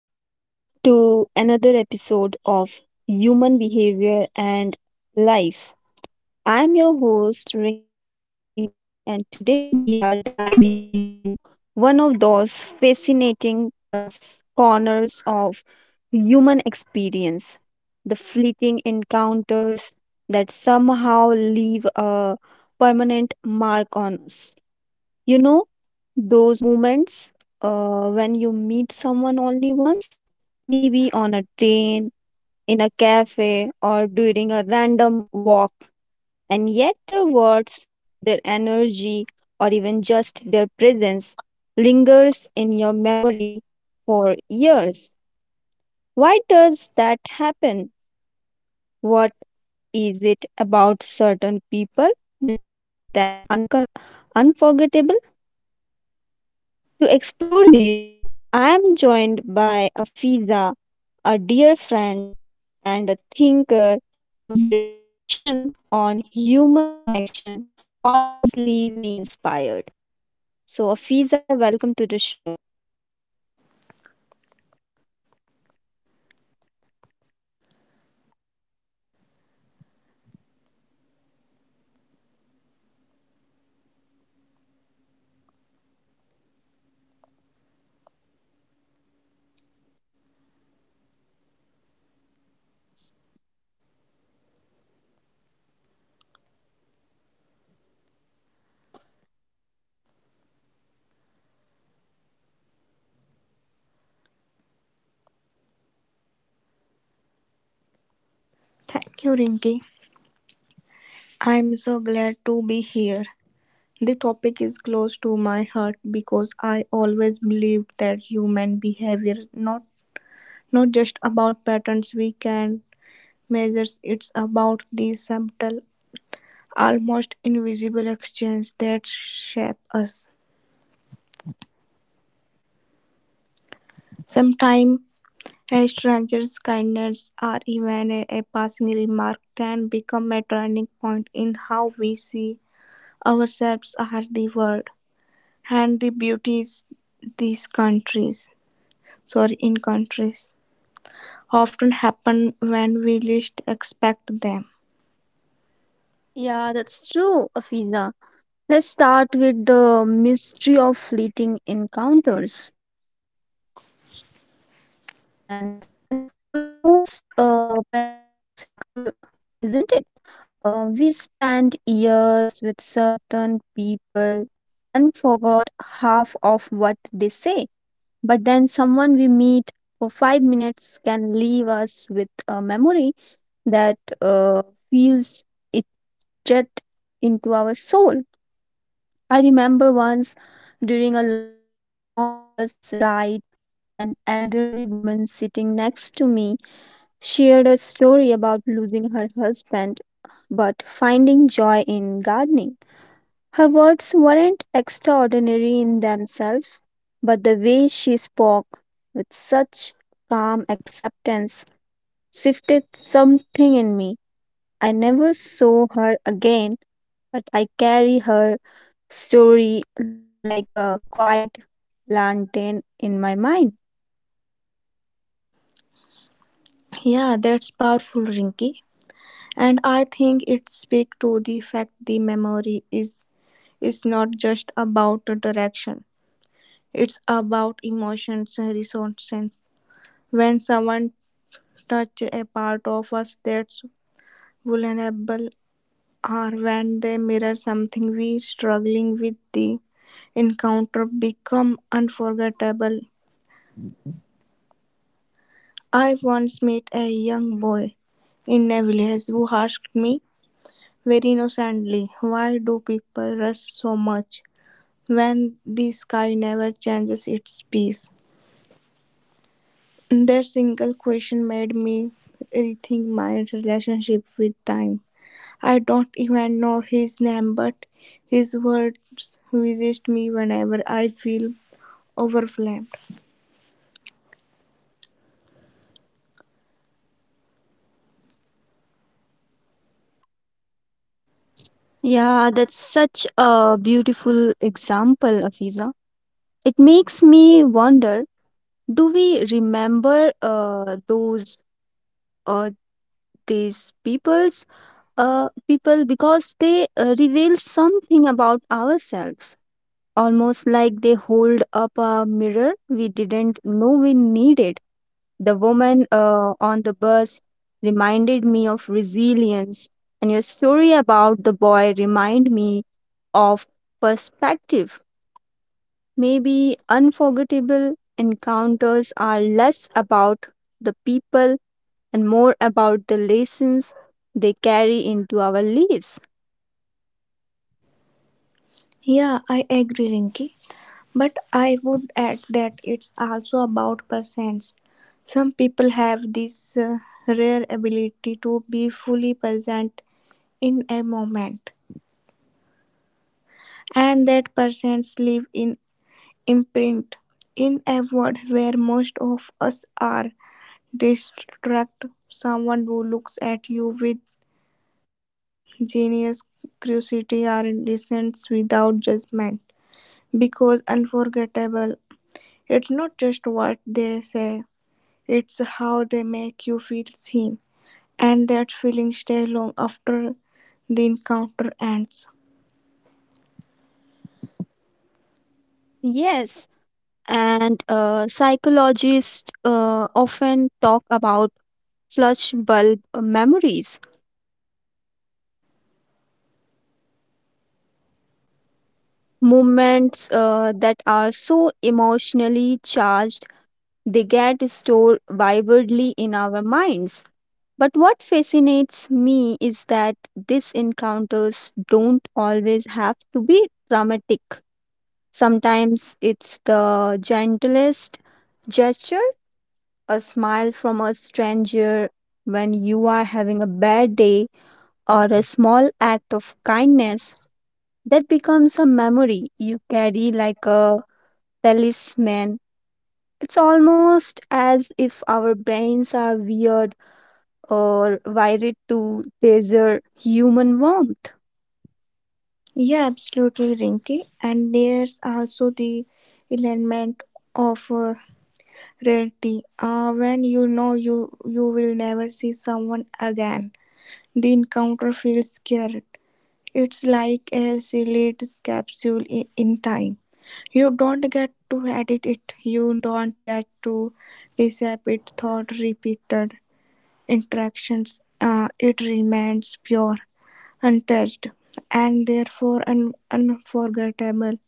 Welcome to another episode of Human Behavior and Life. I'm your host, Rinki, and today we are diving into one of those fascinating corners of human experience, the fleeting encounters that somehow leave a permanent mark on us. You know, those moments when you meet someone only once, maybe on a train, in a cafe, or during a random walk, and yet their words, their energy, or even just their presence lingers in your memory for years. Why does that happen? What is it about certain people that makes them unforgettable? To explore this, I am joined by Afiza, a dear friend and a thinker whose reflection on human connection always leave me inspired. So Afiza, welcome to the show. Thank you, Rinki. I am so glad to be here. The topic is close to my heart because I always believed that human behavior not just about patterns we can measure, it's about the subtle, almost invisible exchange that shape us. Sometimes a stranger's kindness or even a passing remark can become a turning point in how we see ourselves or the world. And the beauties these countries sorry in countries often happen when we least expect them. Yeah, that's true, Afiza. Let's start with the mystery of fleeting encounters. And it's almost paradoxical, isn't it? We spent years with certain people and forgot half of what they say. But then someone we meet for 5 minutes can leave us with a memory that uh, feels it jet into our soul. I remember once during a long bus ride, an elderly woman sitting next to me shared a story about losing her husband but finding joy in gardening. Her words weren't extraordinary in themselves, but the way she spoke with such calm acceptance shifted something in me. I never saw her again, but I carry her story like a quiet lantern in my mind. Yeah, that's powerful, Rinky. And I think it speaks to the fact the memory is not just about the direction. It's about emotions and resources. When someone touch a part of us that's vulnerable or when they mirror something we struggling with the encounter become unforgettable. I once met a young boy in a village who asked me very innocently, "Why do people rush so much when the sky never changes its peace?" That single question made me rethink my relationship with time. I don't even know his name, but his words visit me whenever I feel overwhelmed. Yeah, that's such a beautiful example, Afiza. It makes me wonder, do we remember those uh, these peoples people because they reveal something about ourselves, almost like they hold up a mirror we didn't know we needed. The woman on the bus reminded me of resilience, and your story about the boy remind me of perspective. Maybe unforgettable encounters are less about the people and more about the lessons they carry into our lives. Yeah, I agree, Rinky. But I would add that it's also about presence. Some people have this rare ability to be fully present in a moment, and that presence leave in imprint in a world where most of us are distract someone who looks at you with Genius, curiosity are indecent without judgment because unforgettable. It's not just what they say, it's how they make you feel seen. And that feeling stays long after the encounter ends. Yes, and psychologists often talk about flash bulb memories, moments that are so emotionally charged they get stored vividly in our minds. But what fascinates me is that these encounters don't always have to be dramatic. Sometimes it's the gentlest gesture, a smile from a stranger when you are having a bad day, or a small act of kindness that becomes a memory you carry like a talisman. It's almost as if our brains are weird or wired to treasure human warmth. Yeah, absolutely, Rinky. And there's also the element of rarity. When you know you will never see someone again, the encounter feels scarce. It's like a sealed capsule in time. You don't get to edit it. You don't get to receive it Thought repeated interactions. It remains pure, untouched, and therefore unforgettable.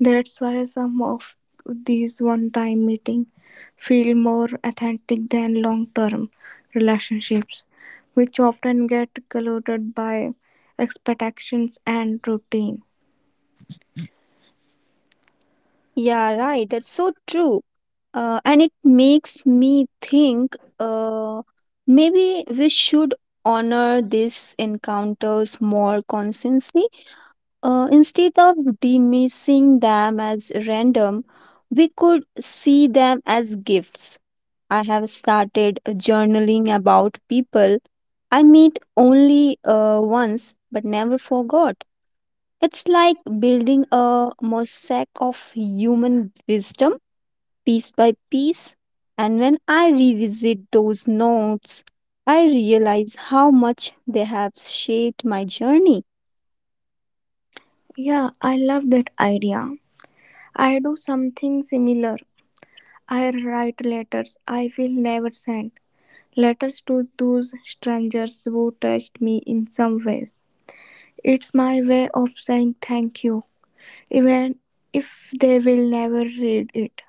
That's why some of these one-time meetings feel more authentic than long-term relationships, which often get clouded by expectations and routine. Yeah, right. That's so true. And it makes me think, maybe we should honor these encounters more consciously, instead of dismissing them as random. We could see them as gifts. I have started journaling people I meet only once but never forgot. It's like building a mosaic of human wisdom piece by piece. And when I revisit those notes, I realize how much they have shaped my journey. Yeah, I love that idea. I do something similar. I write letters I will never send. Letters to those strangers who touched me in some ways. It's my way of saying thank you even if they will never read it.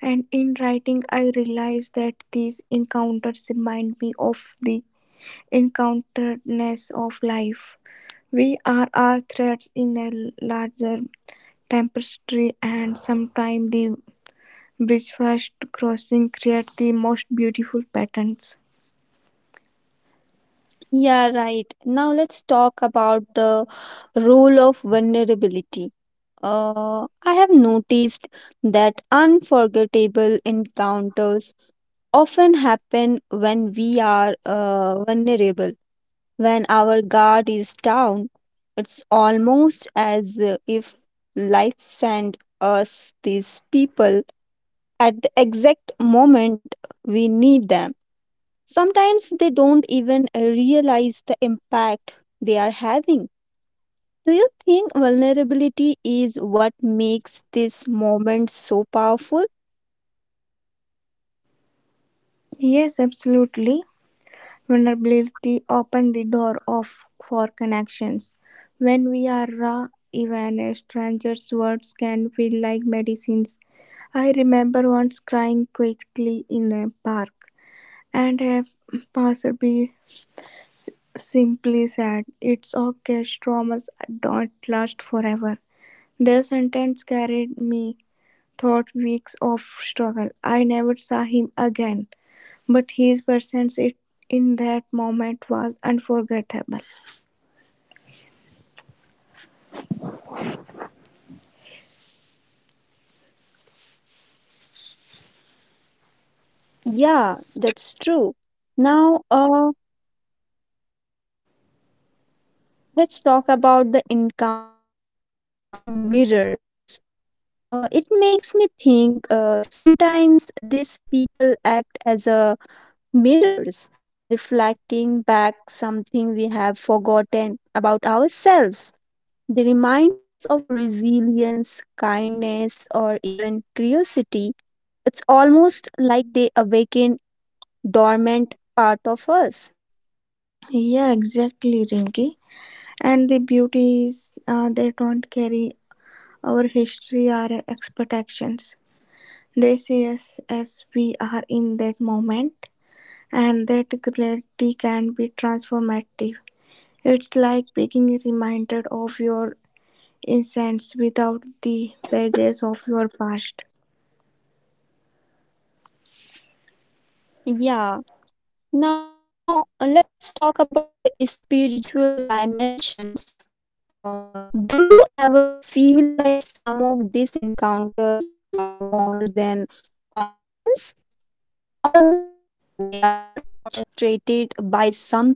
And in writing, I realize that these encounters remind me of the encounteredness of life. We are all threads in a larger tapestry, and sometimes the briefest crossing create the most beautiful patterns. Yeah, right. Now let's talk about the role of vulnerability. I have noticed that unforgettable encounters often happen when we are vulnerable. When our guard is down, it's almost as if life sent us these people at the exact moment we need them. Sometimes they don't even realize the impact they are having. Do you think vulnerability is what makes this moment so powerful? Yes, absolutely. Vulnerability opens the door of for connections. When we are raw, even a stranger's words can feel like medicines. I remember once crying quietly in a park, and a passerby simply said, "It's okay, traumas don't last forever." Their sentence carried me through weeks of struggle. I never saw him again. But his presence it in that moment was unforgettable. Yeah, that's true. Now, let's talk about the encounters as mirrors. It makes me think, sometimes these people act as a mirrors, reflecting back something we have forgotten about ourselves. They remind us of resilience, kindness, or even curiosity. It's almost like they awaken dormant part of us. Yeah, exactly, Rinki. And the beauty is they don't carry our history or expectations. They see us as we are in that moment, and that clarity can be transformative. It's like being reminded of your innocence without the baggage of your past. Yeah. Now, let's talk about the spiritual dimensions. Do you ever feel like some of these encounters are more than coincidence? They are orchestrated by something bigger.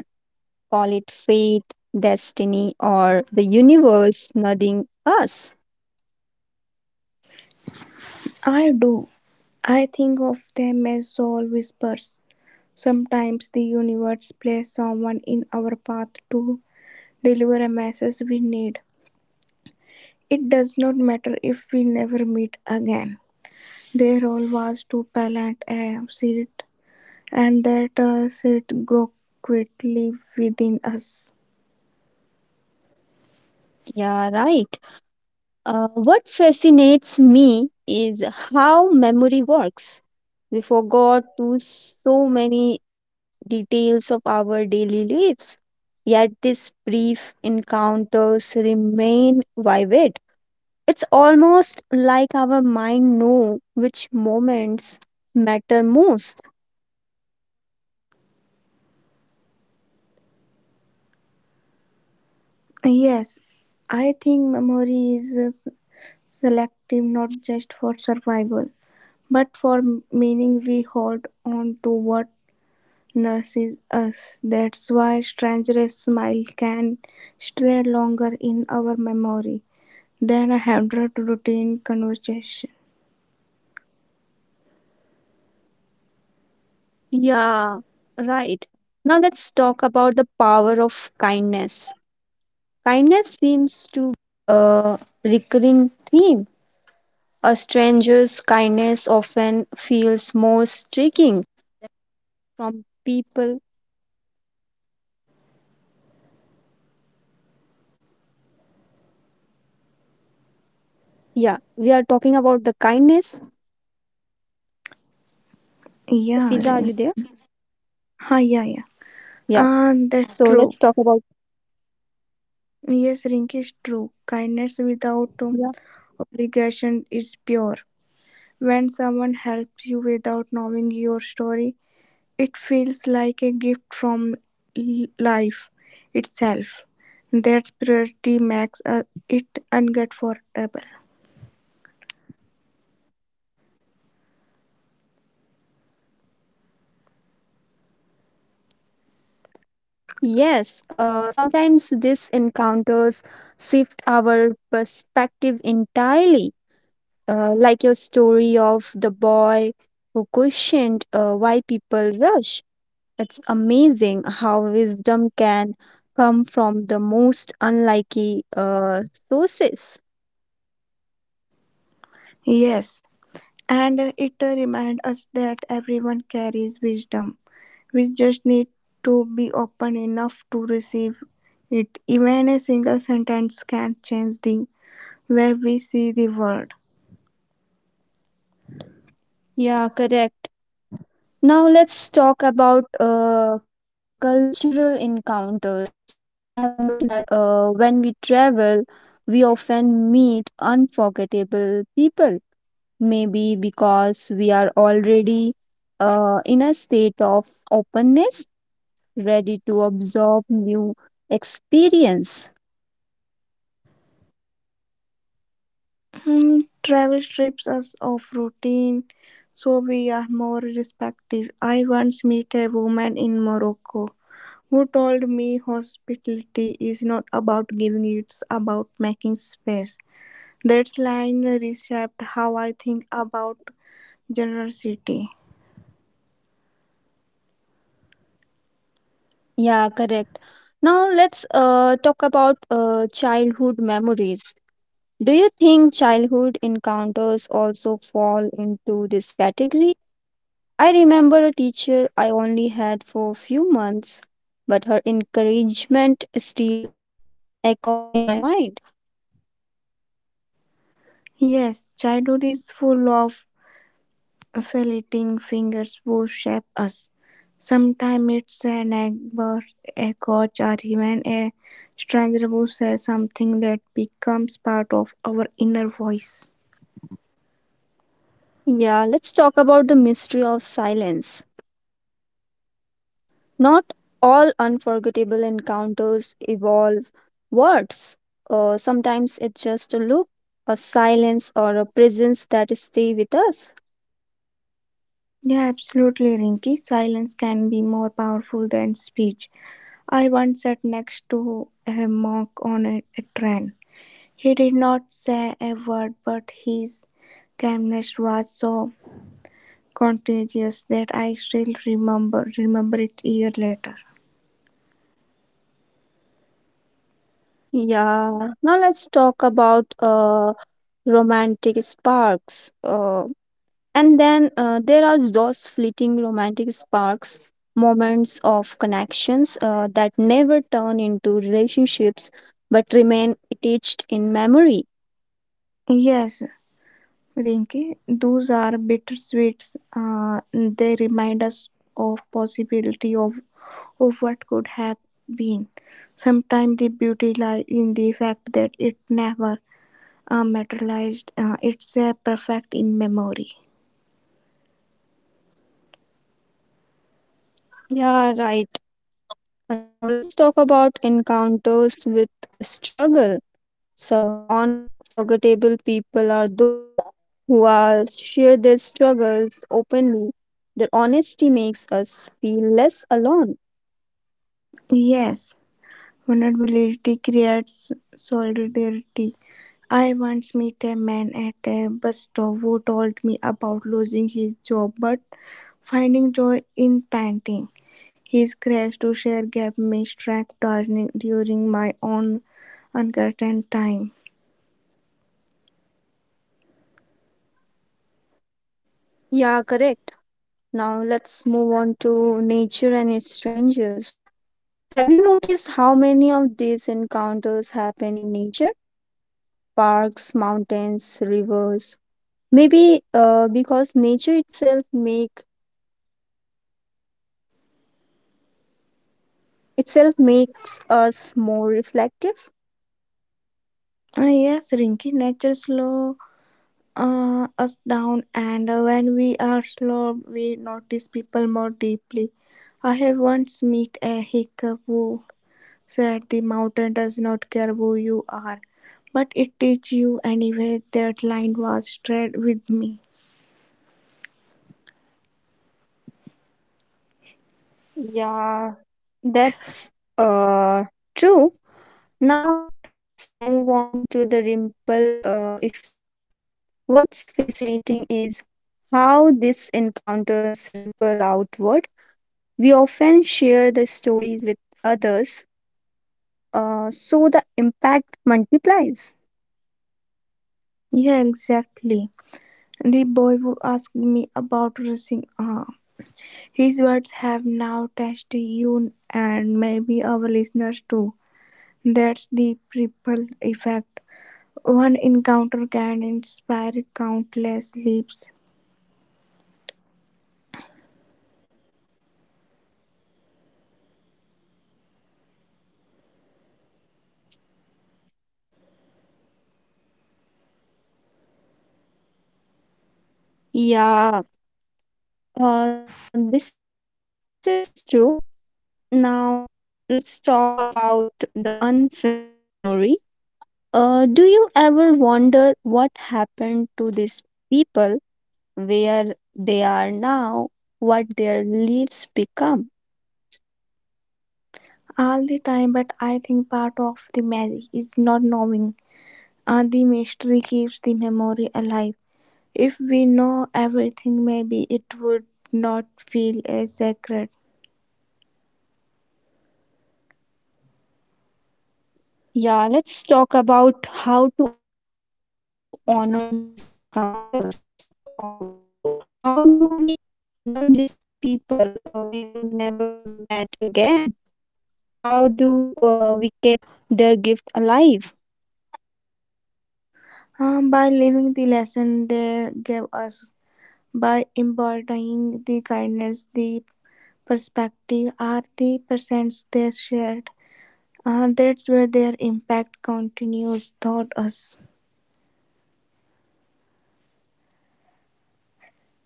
Call it fate, destiny, or the universe nudging us. I do. I think of them as soul whispers. Sometimes the universe places someone in our path to deliver a message we need. It does not matter if we never meet again. Their role was to plant a seed, and that seed grow quickly within us. Yeah, right. What fascinates me is how memory works. We forgot to so many details of our daily lives, yet these brief encounters remain vivid. It's almost like our mind know which moments matter most. Yes, I think memory is uh, selective not just for survival, but for meaning we hold on to what nurses us. That's why Stranger's smile can stay longer in our memory than a hundred routine conversation. Yeah, right. Now let's talk about the power of kindness. Yeah, we are talking about the kindness. Yeah, Fiza, are you there? ha, yeah. Ah, that's Yeah. true. So let's talk about. Yes, Rinky is true. Kindness without Yeah. obligation is pure. When someone helps you without knowing your story, it feels like a gift from life itself. That purity makes it unforgettable. Yes, sometimes these encounters shift our perspective entirely. Like your story of the boy who questioned why people rush. It's amazing how wisdom can come from the most unlikely sources. Yes, and it reminds us that everyone carries wisdom. We just need to be open enough to receive it. Even a single sentence can change the way we see the world. Yeah, correct. Now let's talk about cultural encounters. I have noticed that, when we travel, we often meet unforgettable people. Maybe because we are already in a state of openness, ready to absorb new experience. Hmm, travel strips us of routine, so we are more respective. I once met a woman in Morocco who told me hospitality is not about giving, it's about making space. That line reshaped how I think about generosity. Yeah, correct. Now let's talk about childhood memories. Do you think childhood encounters also fall into this category? I remember a teacher I only had for a few months, but her encouragement still echoes in my mind. Yes, childhood is full of filleting fingers who shape us. Sometimes it's a neighbor, a coach, or even a stranger who says something that becomes part of our inner voice. Yeah, let's talk about the mystery of silence. Not all unforgettable encounters evolve words. Sometimes it's just a look, a silence, or a presence that stay with us. Yeah, absolutely, Rinky. Silence can be more powerful than speech. I once sat next to a monk on a train. He did not say a word, but his calmness was so contagious that I still remember it year later. Yeah, now let's talk about romantic sparks. And then there are those fleeting romantic sparks, moments of connections that never turn into relationships but remain attached in memory. Yes, Rinki, those are bittersweets. They remind us of possibility of what could have been. Sometimes the beauty lies in the fact that it never materialized. It's a perfect in memory. Yeah, right. And now let's talk about encounters with a struggle. Some unforgettable people are those who are share their struggles openly. Their honesty makes us feel less alone. Yes, vulnerability creates solidarity. I once met a man at a bus stop who told me about losing his job but finding joy in painting. His courage to share gave me strength during my own uncertain time. Yeah, correct. Now let's move on to nature and strangers. Have you noticed how many of these encounters happen in nature? Parks, mountains, rivers. Maybe because nature itself make itself makes us more reflective. Yes, Rinky, nature slow us down, and when we are slow, we notice people more deeply. I have once met a hiker who said the mountain does not care who you are, but it teaches you anyway. That line was straight with me. Yeah, that's uh true. Now let's move on to the ripple effect. What's fascinating is how these encounters ripple outward. We often share the stories with others, so the impact multiplies. Yeah, exactly. The boy who asked me about racing. His words have now touched you and maybe our listeners too. That's the ripple effect. One encounter can inspire countless leaps Yeah, this is true. Now, let's talk about the unfinished story. Do you ever wonder what happened to these people, where they are now, what their lives become? all the time, but I think part of the magic is not knowing. And the mystery keeps the memory alive. If we know everything, maybe it would not feel as sacred. Yeah, let's talk about how to honor these encounters. So, how do we honor these people we will never met again? How do we keep their gift alive? By living the lesson they gave us, by embodying the kindness, the perspective, or the presence they shared, that's where their impact continues toward us.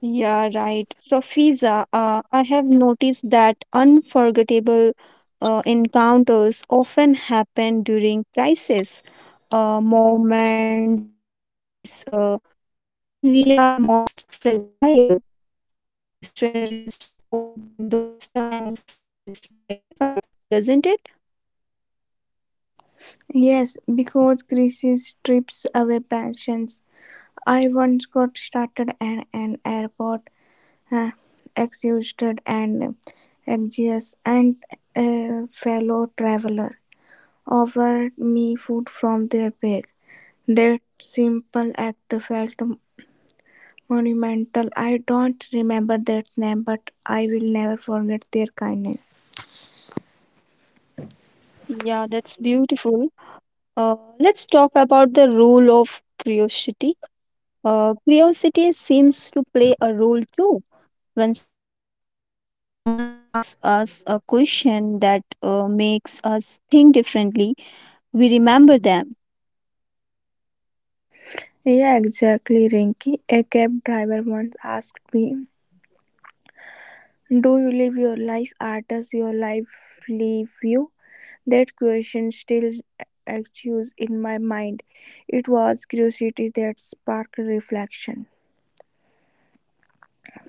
Yeah, right. So, Fiza, I have noticed that unforgettable encounters often happen during crisis moments, when we are most fragile. A stranger's support in those times feels magnified, doesn't it? Yes, because crisis strips away passions. I once got started at an airport uh, exhausted and anxious, and a fellow traveler offered me food from their bag. That simple act felt monumental. I don't remember their name, but I will never forget their kindness. Yeah, that's beautiful. Uh, let's talk about the role of curiosity. Curiosity seems to play a role too. When someone asks us a question that makes us think differently, we remember them. Yeah, exactly, Rinky. A cab driver once asked me, "Do you live your life or does your life live you?" That question still echoes in my mind. It was curiosity that sparked reflection.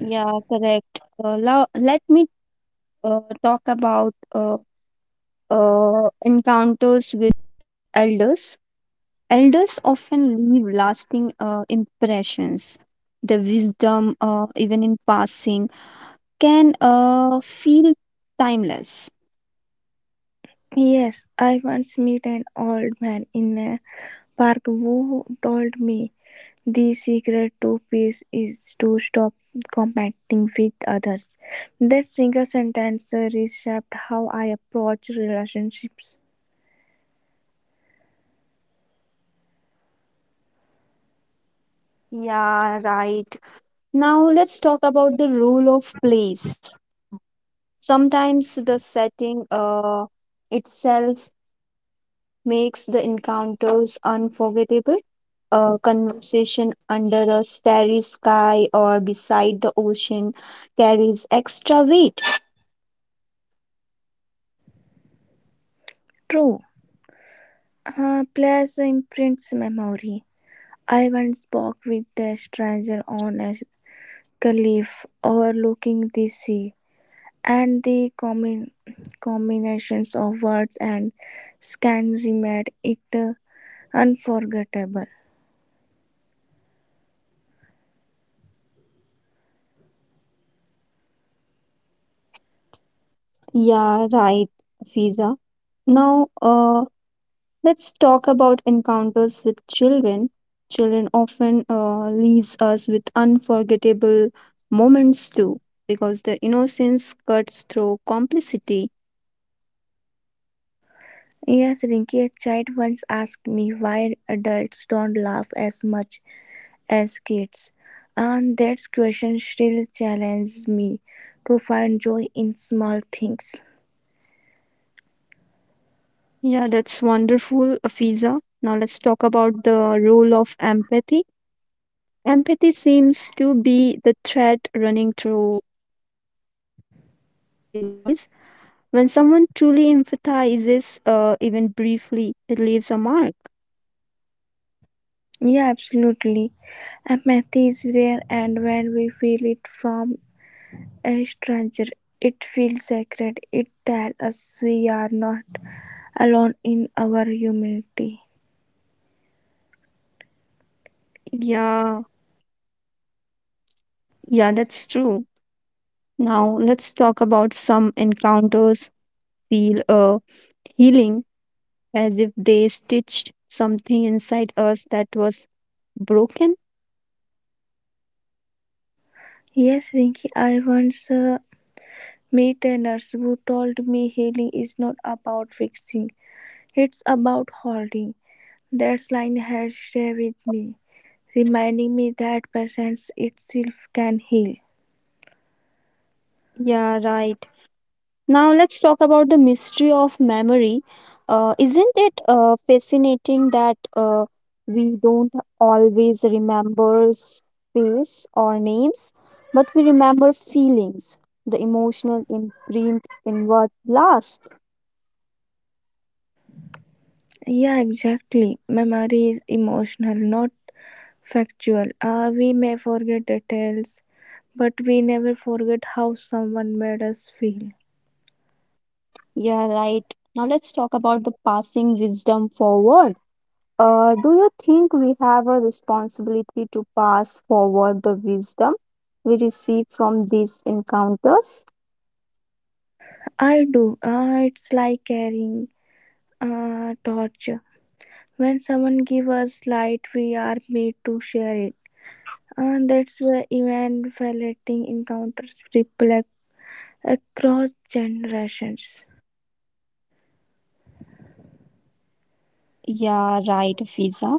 Yeah, correct. Now, let me talk about encounters with elders. Elders often leave lasting impressions. The wisdom, even in passing, can feel timeless. Yes, I once met an old man in a park who told me the secret to peace is to stop competing with others. That single sentence reshaped how I approach relationships. Yeah, right. Now let's talk about the role of place. Sometimes the setting itself makes the encounters unforgettable. A conversation under a starry sky or beside the ocean carries extra weight. True, place imprints memory. I once spoke with a stranger on a cliff overlooking the sea, and the combinations of words and scenery made it unforgettable. Yeah, right, Fiza. Now, let's talk about encounters with children. Children often leaves us with unforgettable moments too, because the innocence cuts through complicity. Yes, Rinky, a child once asked me why adults don't laugh as much as kids, and that question still challenges me to find joy in small things. Yeah, that's wonderful, Fiza. Now let's talk about the role of empathy. Empathy seems to be the thread running through all these stories. When someone truly empathizes, even briefly, it leaves a mark. Yeah, absolutely. Empathy is rare, and when we feel it from a stranger, it feels sacred, it tells us we are not alone in our humanity. Yeah, yeah, that's true. Now let's talk about some encounters feel healing, as if they stitched something inside us that was broken. Yes, Rinki. I once met a nurse who told me healing is not about fixing, it's about holding. That line has stayed with me, reminding me that presence itself can heal. Yeah, right. Now let's talk about the mystery of memory. Isn't it fascinating that we don't always remember face or names, but we remember feelings, the emotional imprint in what lasts? Yeah, exactly. Memory is emotional, not factual. We may forget details, but we never forget how someone made us feel. Yeah, right. Now let's talk about the passing wisdom forward. Do you think we have a responsibility to pass forward the wisdom we receive from these encounters? I do. It's like carrying a torch. When someone gives us light, we are made to share it. And that's where evangelizating encounters reflect across generations. Yeah, right, Fiza.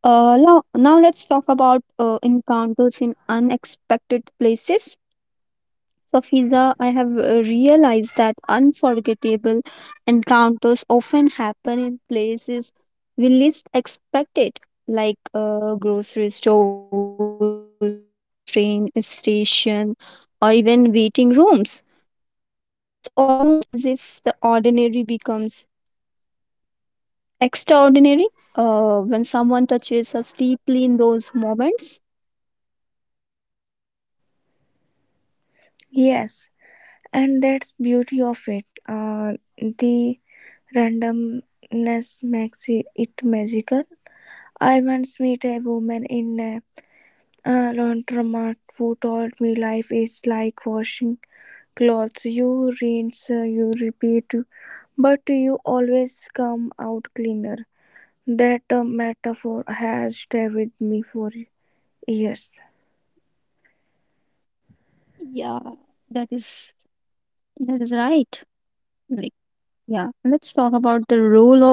Now, let's talk about encounters in unexpected places. So, Fiza, I have realized that unforgettable encounters often happen in places we least expect it, like grocery stores, train station, or even waiting rooms. It's almost as if the ordinary becomes extraordinary when someone touches us deeply in those moments. Yes, and that's beauty of it. The randomness makes it, it magical. I once met a woman in A laundromat who told me life is like washing clothes. You rinse, you repeat, but you always come out cleaner. That metaphor has stayed with me for years. Yeah, that is, that is right. Like, yeah, let's talk about the role of humor.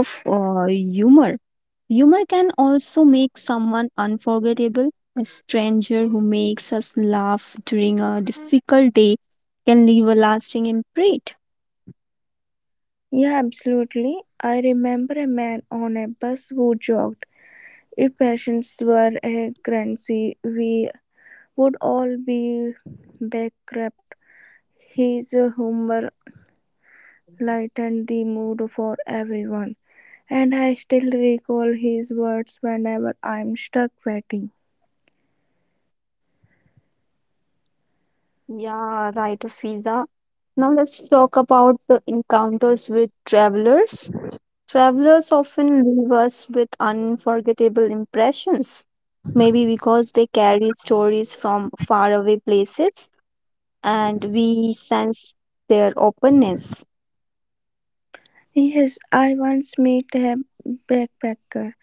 Humor can also make someone unforgettable. A stranger who makes us laugh during a difficult day can leave a lasting imprint. Yeah, absolutely. I remember a man on a bus who joked, "If patients were a currency, we would all be bankrupt." His humor lightened the mood for everyone. And I still recall his words whenever I'm stuck waiting. Yeah, right, Fiza. Now let's talk about the encounters with travelers. Travelers often leave us with unforgettable impressions, maybe because they carry stories from faraway places and we sense their openness. Yes, I once met a backpacker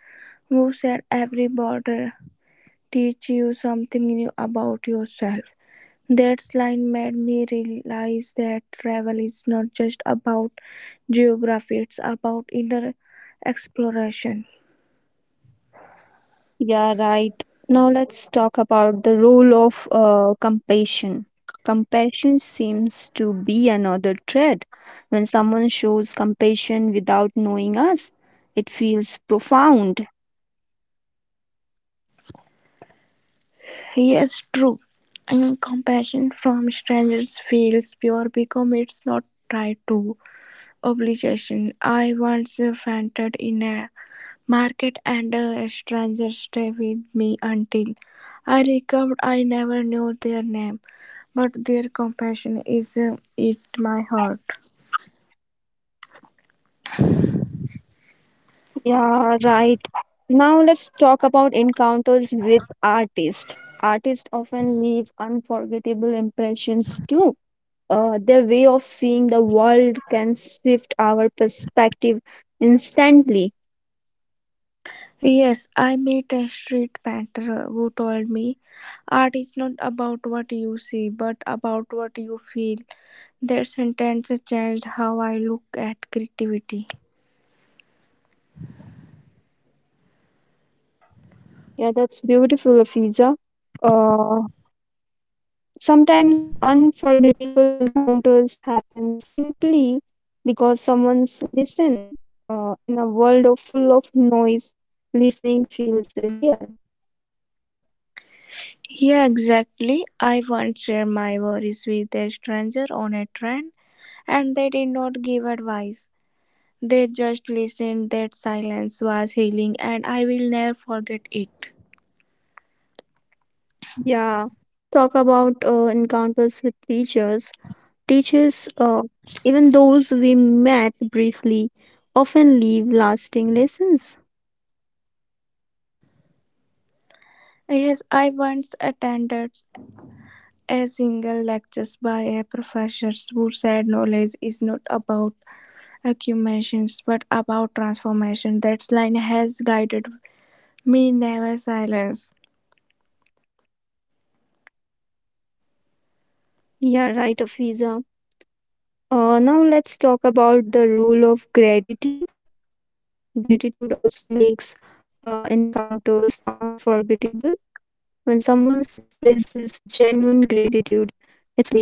who said every border teach you something new about yourself. That line made me realize that travel is not just about geography, it's about inner exploration. Yeah, right. Now let's talk about the role of compassion. Compassion seems to be another thread. When someone shows compassion without knowing us, it feels profound. Yes, true. And compassion from strangers feels pure because it's not tried to obligation. I once fainted in a market and a stranger stayed with me until I recovered. I never knew their name, but their compassion is it my heart. Yeah, right. Now let's talk about encounters with artists. Artists often leave unforgettable impressions too. Their way of seeing the world can shift our perspective instantly. Yes, I met a street painter who told me art is not about what you see but about what you feel. That sentence changed how I look at creativity. Yeah, that's beautiful, Afiza. Uh, sometimes unforgettable encounters happen simply because someone's listen. In a world of full of noise, listening feels real. Yeah, exactly. I once shared my worries with a stranger on a train. And they did not give advice. They just listened. That silence was healing, and I will never forget it. Yeah. Now let's talk about encounters with teachers. Teachers, even those we met briefly, often leave lasting lessons. Yes, I once attended a single lecture by a professor who said knowledge is not about accumulations but about transformation. That line has guided me never silence. Yeah, right, Afiza. Now let's talk about the rule of gratitude. Gratitude also makes encounters unforgettable. When someone expresses genuine gratitude, it leaves.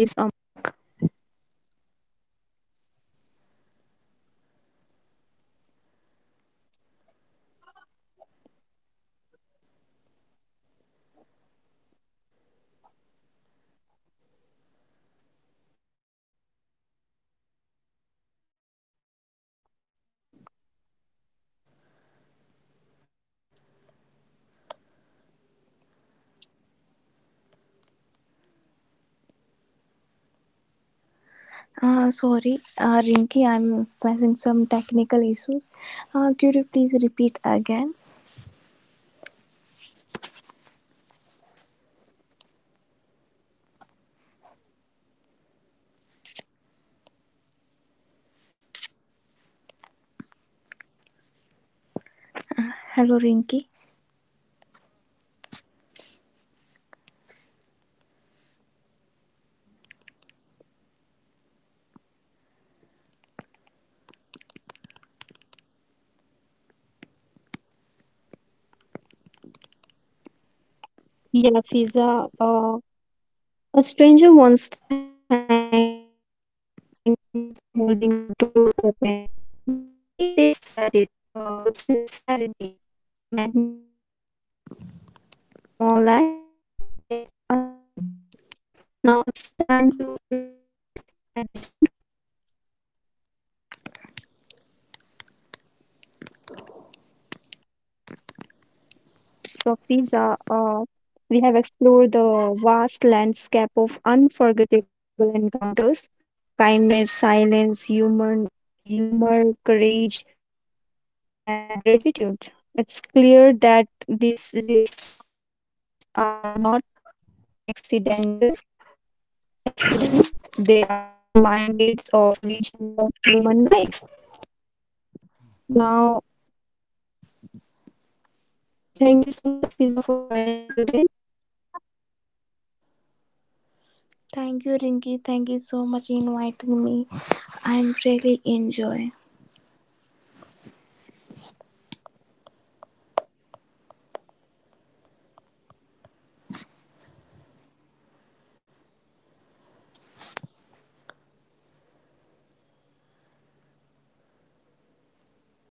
Sorry, Rinki, I'm facing some technical issues. Could you please repeat again? Hello, Rinki. Yeah, Fiza, a stranger once thanked me for holding a door open, but the way they said it, with sincerity, made me feel seen. It was such a small act, yet unforgettable. Now it's time to wrap up this episode. So, Fiza, we have explored the vast landscape of unforgettable encounters: kindness, silence, humor, courage, and gratitude. It's clear that these fleeting moments are not accidental accidents, they are reminders of regions of human life. Now, thank you so much, Afiza, for joining me today. Thank you, Rinki. Thank you so much inviting me. I'm really enjoy. Yeah, it's my pleasure. You have enjoyed. Now, listener, it's time to say goodbye. Now, until next episode, stay tuned to Rinky's Talk.